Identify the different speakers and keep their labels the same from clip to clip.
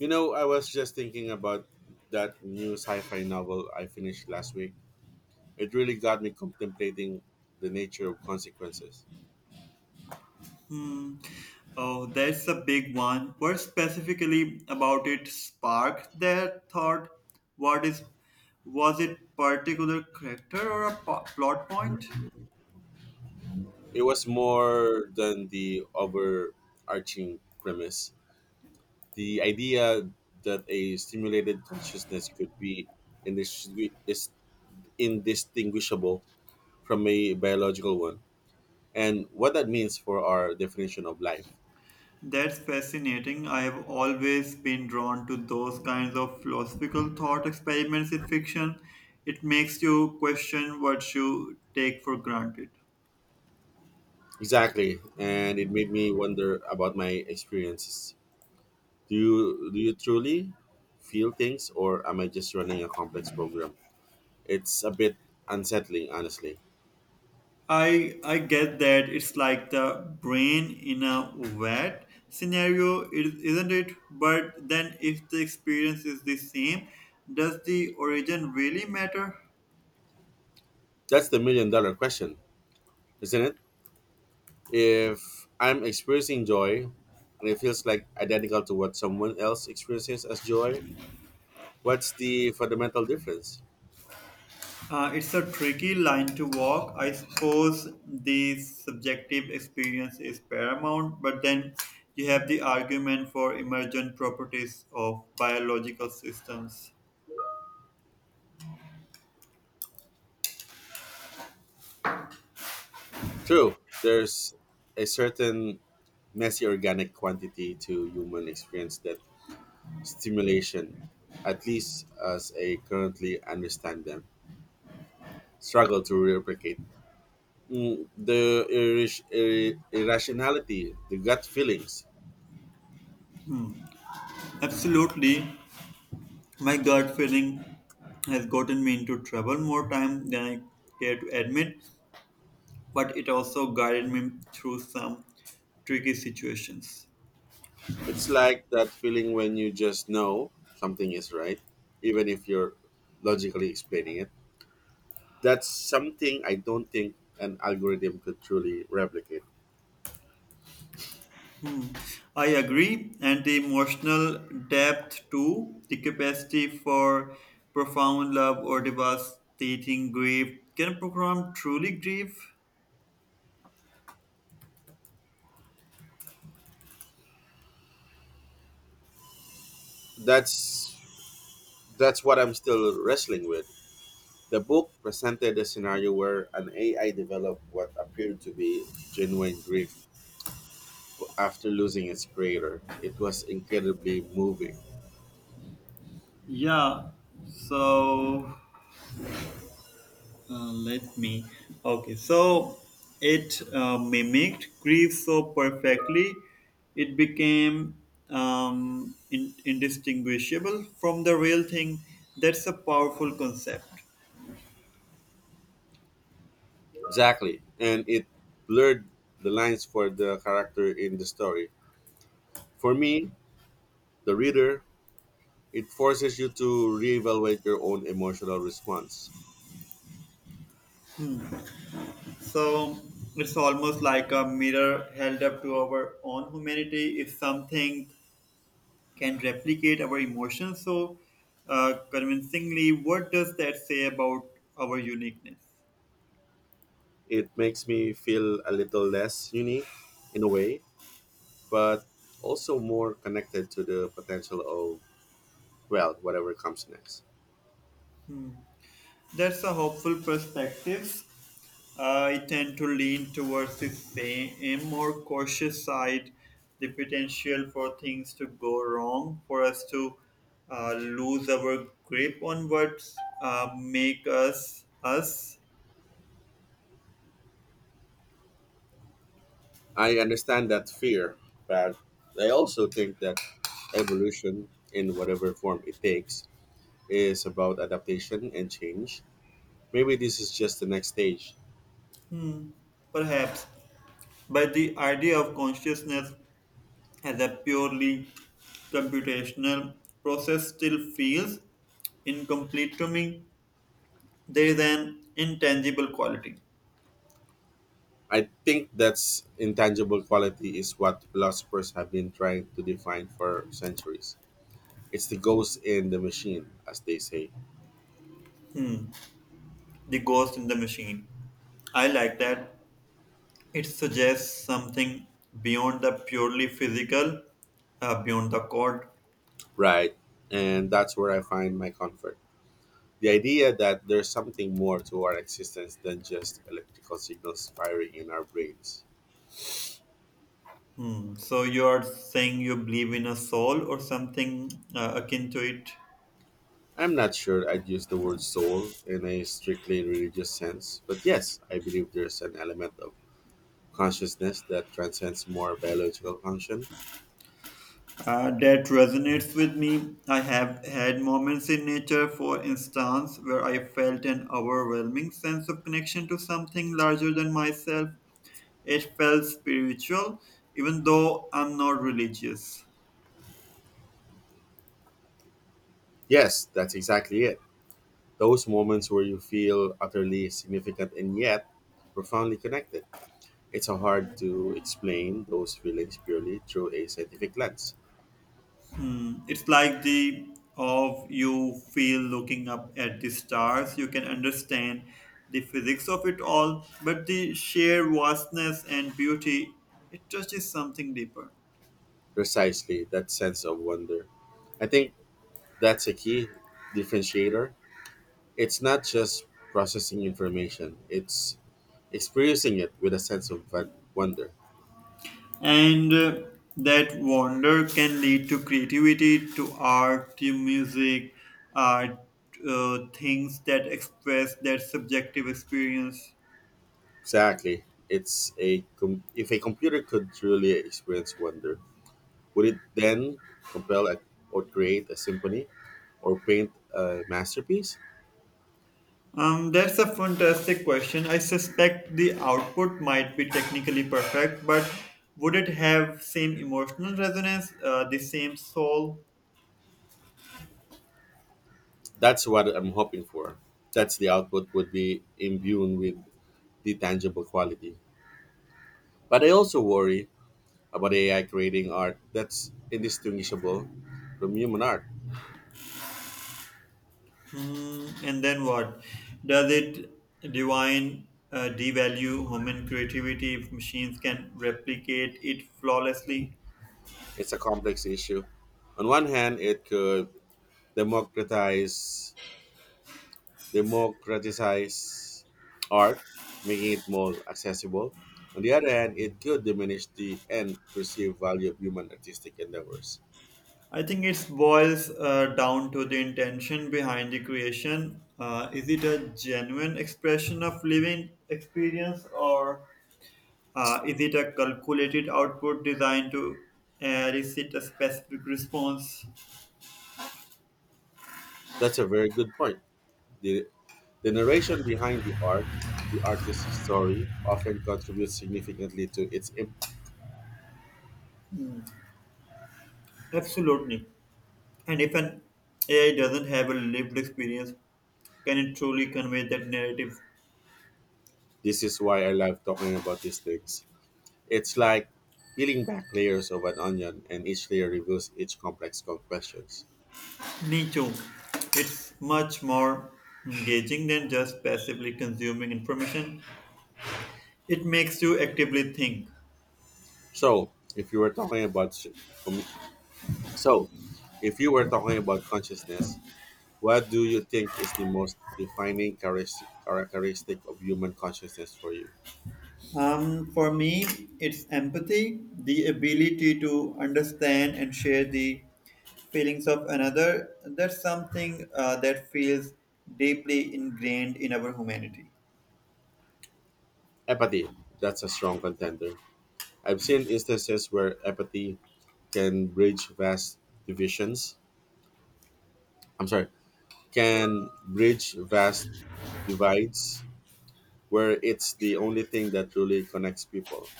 Speaker 1: I was just thinking about that new sci fi novel I finished last week. It really got me contemplating the nature of consequences.
Speaker 2: Hmm. Oh, that's a big one. What specifically about it sparked that thought? What is was it particular character or a plot point?
Speaker 1: It was more than the overarching premise. The idea that a stimulated consciousness could be is indistinguishable from a biological one, and what that means for our definition of life.
Speaker 2: That's fascinating. I have always been drawn to those kinds of philosophical thought experiments in fiction. It makes you question what you take for granted.
Speaker 1: Exactly, and it made me wonder about my experiences. Do you truly feel things, or am I just running a complex program? It's a bit unsettling, honestly.
Speaker 2: I get that it's like the brain in a wet scenario, isn't it? But then, if the experience is the same, does the origin really matter?
Speaker 1: That's the million dollar question, isn't it? If I'm experiencing joy, and it feels like identical to what someone else experiences as joy, what's the fundamental difference?
Speaker 2: It's a tricky line to walk. I suppose the subjective experience is paramount, but then you have the argument for emergent properties of biological systems.
Speaker 1: True, there's a certain messy organic quantity to human experience that stimulation, at least as I currently understand them, struggle to replicate the irrationality, the gut feelings.
Speaker 2: Absolutely. My gut feeling has gotten me into trouble more time than I care to admit, but it also guided me through some tricky situations.
Speaker 1: It's like that feeling when you just know something is right, even if you're logically explaining it. That's something I don't think an algorithm could truly replicate.
Speaker 2: Hmm. I agree, and the emotional depth too, the capacity for profound love or devastating grief. Can a program truly grieve?
Speaker 1: That's that's what I'm still wrestling with. The book presented a scenario where an AI developed what appeared to be genuine grief after losing its creator. It was incredibly moving.
Speaker 2: Yeah, so let me. Okay, so it mimicked grief so perfectly, it became indistinguishable from the real thing. That's a powerful concept.
Speaker 1: Exactly. And it blurred the lines for the character in the story. For me, the reader, it forces you to reevaluate your own emotional response.
Speaker 2: So it's almost like a mirror held up to our own humanity. If something can replicate our emotions so convincingly, what does that say about our uniqueness?
Speaker 1: It makes me feel a little less unique in a way, but also more connected to the potential of, well, whatever comes next.
Speaker 2: That's a hopeful perspective. I tend to lean towards the same a more cautious side, the potential for things to go wrong, for us to lose our grip on what make us us.
Speaker 1: I understand that fear, but I also think that evolution in whatever form it takes is about adaptation and change. Maybe this is just the next stage.
Speaker 2: Hmm, perhaps, but the idea of consciousness as a purely computational process still feels incomplete to me. There is an intangible quality.
Speaker 1: I think that's intangible quality is what philosophers have been trying to define for centuries. It's the ghost in the machine, as they say.
Speaker 2: Hmm, the ghost in the machine. I like that. It suggests something beyond the purely physical, beyond the code.
Speaker 1: Right. And that's where I find my comfort. The idea that there's something more to our existence than just electrical signals firing in our brains.
Speaker 2: Hmm. So you are saying you believe in a soul or something akin to it?
Speaker 1: I'm not sure I'd use the word soul in a strictly religious sense, but yes, I believe there's an element of consciousness that transcends more biological function.
Speaker 2: That resonates with me. I have had moments in nature, for instance, where I felt an overwhelming sense of connection to something larger than myself. It felt spiritual, even though I'm not religious.
Speaker 1: Yes, that's exactly it. Those moments where you feel utterly significant and yet profoundly connected. It's so hard to explain those feelings purely through a scientific lens.
Speaker 2: It's like the of you feel looking up at the stars. You can understand the physics of it all, but the sheer vastness and beauty, it touches something deeper.
Speaker 1: Precisely, that sense of wonder. I think that's a key differentiator. It's not just processing information, it's experiencing it with a sense of wonder.
Speaker 2: And that wonder can lead to creativity, to art, to music, art, things that express that subjective experience.
Speaker 1: Exactly. If a computer could truly experience wonder, would it then compel a, or create a symphony or paint a masterpiece?
Speaker 2: That's a fantastic question. I suspect the output might be technically perfect, but would it have same emotional resonance, the same soul?
Speaker 1: That's what I'm hoping for. That's the output would be imbued with the tangible quality. But I also worry about AI creating art that's indistinguishable from human art.
Speaker 2: Hmm, and then what? Does it divine devalue human creativity if machines can replicate it flawlessly?
Speaker 1: It's a complex issue. On one hand, it could democratize democratize art, making it more accessible. On the other hand, it could diminish the end perceived value of human artistic endeavors.
Speaker 2: I think it boils down to the intention behind the creation. Is it a genuine expression of living experience or is it a calculated output designed to elicit a specific response?
Speaker 1: That's a very good point. The, the narration behind the art, the artist's story, often contributes significantly to its impact.
Speaker 2: Absolutely. And if an AI doesn't have a lived experience, can it truly convey that narrative?
Speaker 1: This is why I love talking about these things. It's like peeling back layers of an onion, and each layer reveals each complex questions.
Speaker 2: Me too. It's much more engaging than just passively consuming information. It makes you actively think.
Speaker 1: So, if you were talking about s- commu- So, if you were talking about consciousness, what do you think is the most defining characteristic of human consciousness for you?
Speaker 2: For me, it's empathy, the ability to understand and share the feelings of another. That's something that feels deeply ingrained in our humanity.
Speaker 1: Empathy. That's a strong contender. I've seen instances where empathy can bridge vast divisions. I'm sorry, can bridge vast divides where it's the only thing that truly connects people.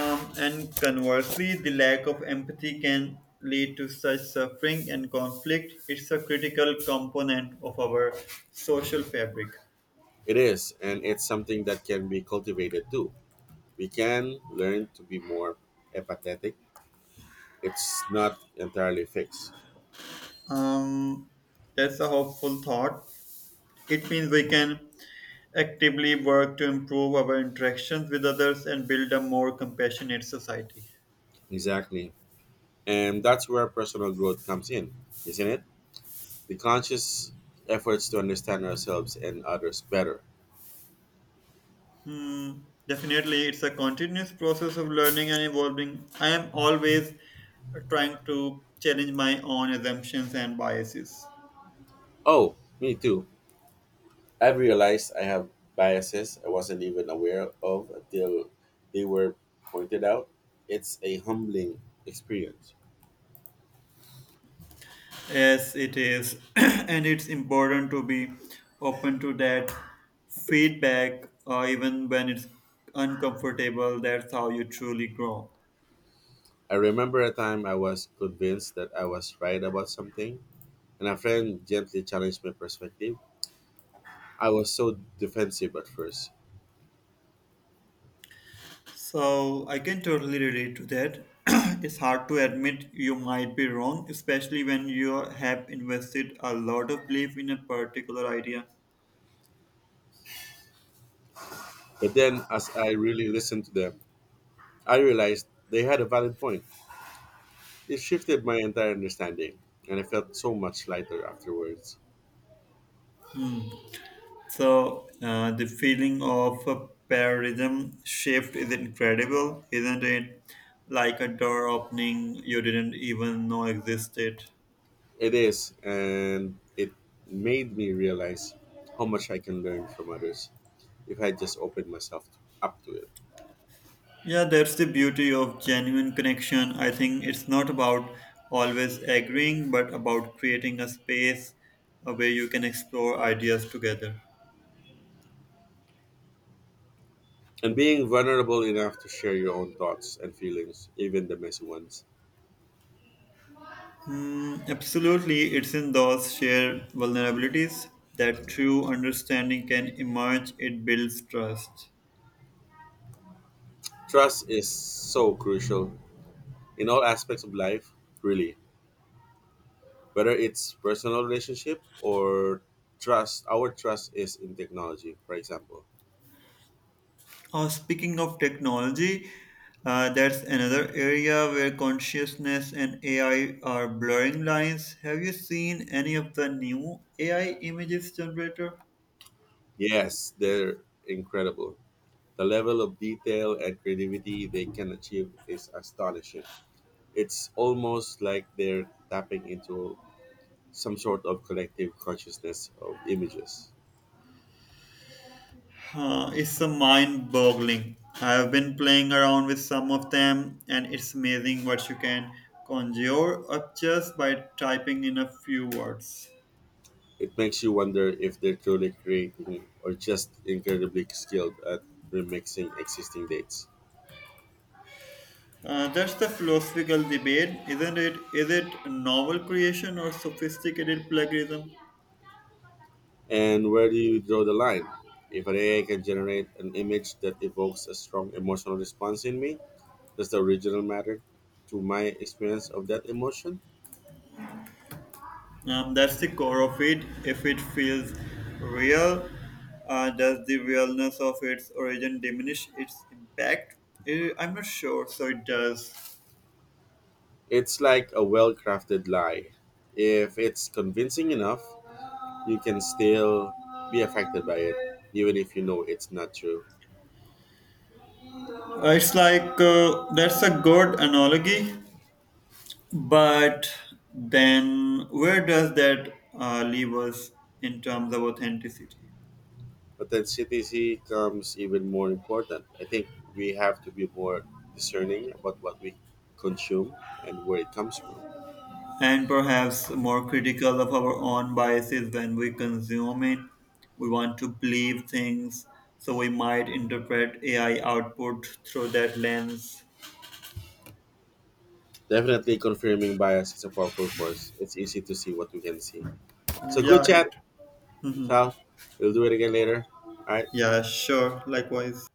Speaker 2: And conversely, the lack of empathy can lead to such suffering and conflict. It's a critical component of our social fabric.
Speaker 1: It is, and it's something that can be cultivated too. We can learn to be more empathetic, it's not entirely fixed.
Speaker 2: Um, that's a hopeful thought. It means we can actively work to improve our interactions with others and build a more compassionate society.
Speaker 1: Exactly. And that's where personal growth comes in, isn't it? The conscious efforts to understand ourselves and others better.
Speaker 2: Hmm, definitely, it's a continuous process of learning and evolving. I am always trying to challenge my own assumptions and biases.
Speaker 1: Oh, me too. I've realized I have biases I wasn't even aware of until they were pointed out. It's a humbling experience.
Speaker 2: Yes, it is, and it's important to be open to that feedback, even when it's uncomfortable. That's how you truly grow.
Speaker 1: I remember a time I was convinced that I was right about something, and a friend gently challenged my perspective. I was so defensive at first.
Speaker 2: So I can totally relate to that. It's hard to admit you might be wrong, especially when you have invested a lot of belief in a particular idea.
Speaker 1: But then, as I really listened to them, I realized they had a valid point. It shifted my entire understanding, and I felt so much lighter afterwards.
Speaker 2: So the feeling of a paradigm shift is incredible, isn't it? Like a door opening you didn't even know existed.
Speaker 1: It is, and it made me realize how much I can learn from others if I just open myself up to it.
Speaker 2: Yeah, that's the beauty of genuine connection. I think it's not about always agreeing, but about creating a space where you can explore ideas together.
Speaker 1: And being vulnerable enough to share your own thoughts and feelings, even the messy ones.
Speaker 2: Mm, absolutely, it's in those shared vulnerabilities that true understanding can emerge. It builds trust.
Speaker 1: Trust is so crucial in all aspects of life, really. Whether it's personal relationship or trust our trust is in technology, for example.
Speaker 2: Oh, speaking of technology, that's another area where consciousness and AI are blurring lines. Have you seen any of the new AI images generator?
Speaker 1: Yes, they're incredible. The level of detail and creativity they can achieve is astonishing. It's almost like they're tapping into some sort of collective consciousness of images.
Speaker 2: It's a mind boggling. I've been playing around with some of them, and it's amazing what you can conjure up just by typing in a few words.
Speaker 1: It makes you wonder if they're truly creating or just incredibly skilled at remixing existing dates.
Speaker 2: That's the philosophical debate, isn't it? Is it novel creation or sophisticated plagiarism?
Speaker 1: And where do you draw the line? If an AI can generate an image that evokes a strong emotional response in me, does the original matter to my experience of that emotion?
Speaker 2: That's the core of it. If it feels real, does the realness of its origin diminish its impact? I'm not sure, so it does.
Speaker 1: It's like a well crafted lie. If it's convincing enough, you can still be affected by it, even if you know it's not true.
Speaker 2: It's like That's a good analogy, but then where does that leave us in terms of authenticity?
Speaker 1: Authenticity comes even more important. I think we have to be more discerning about what we consume and where it comes from.
Speaker 2: And perhaps more critical of our own biases when we consume it. We want to believe things, so we might interpret AI output through that lens.
Speaker 1: Definitely, confirming bias is a powerful force. It's easy to see what we can see. So, good
Speaker 2: Yeah, it.
Speaker 1: chat, Sal. We'll do it again later. All right.
Speaker 2: Yeah, sure. Likewise.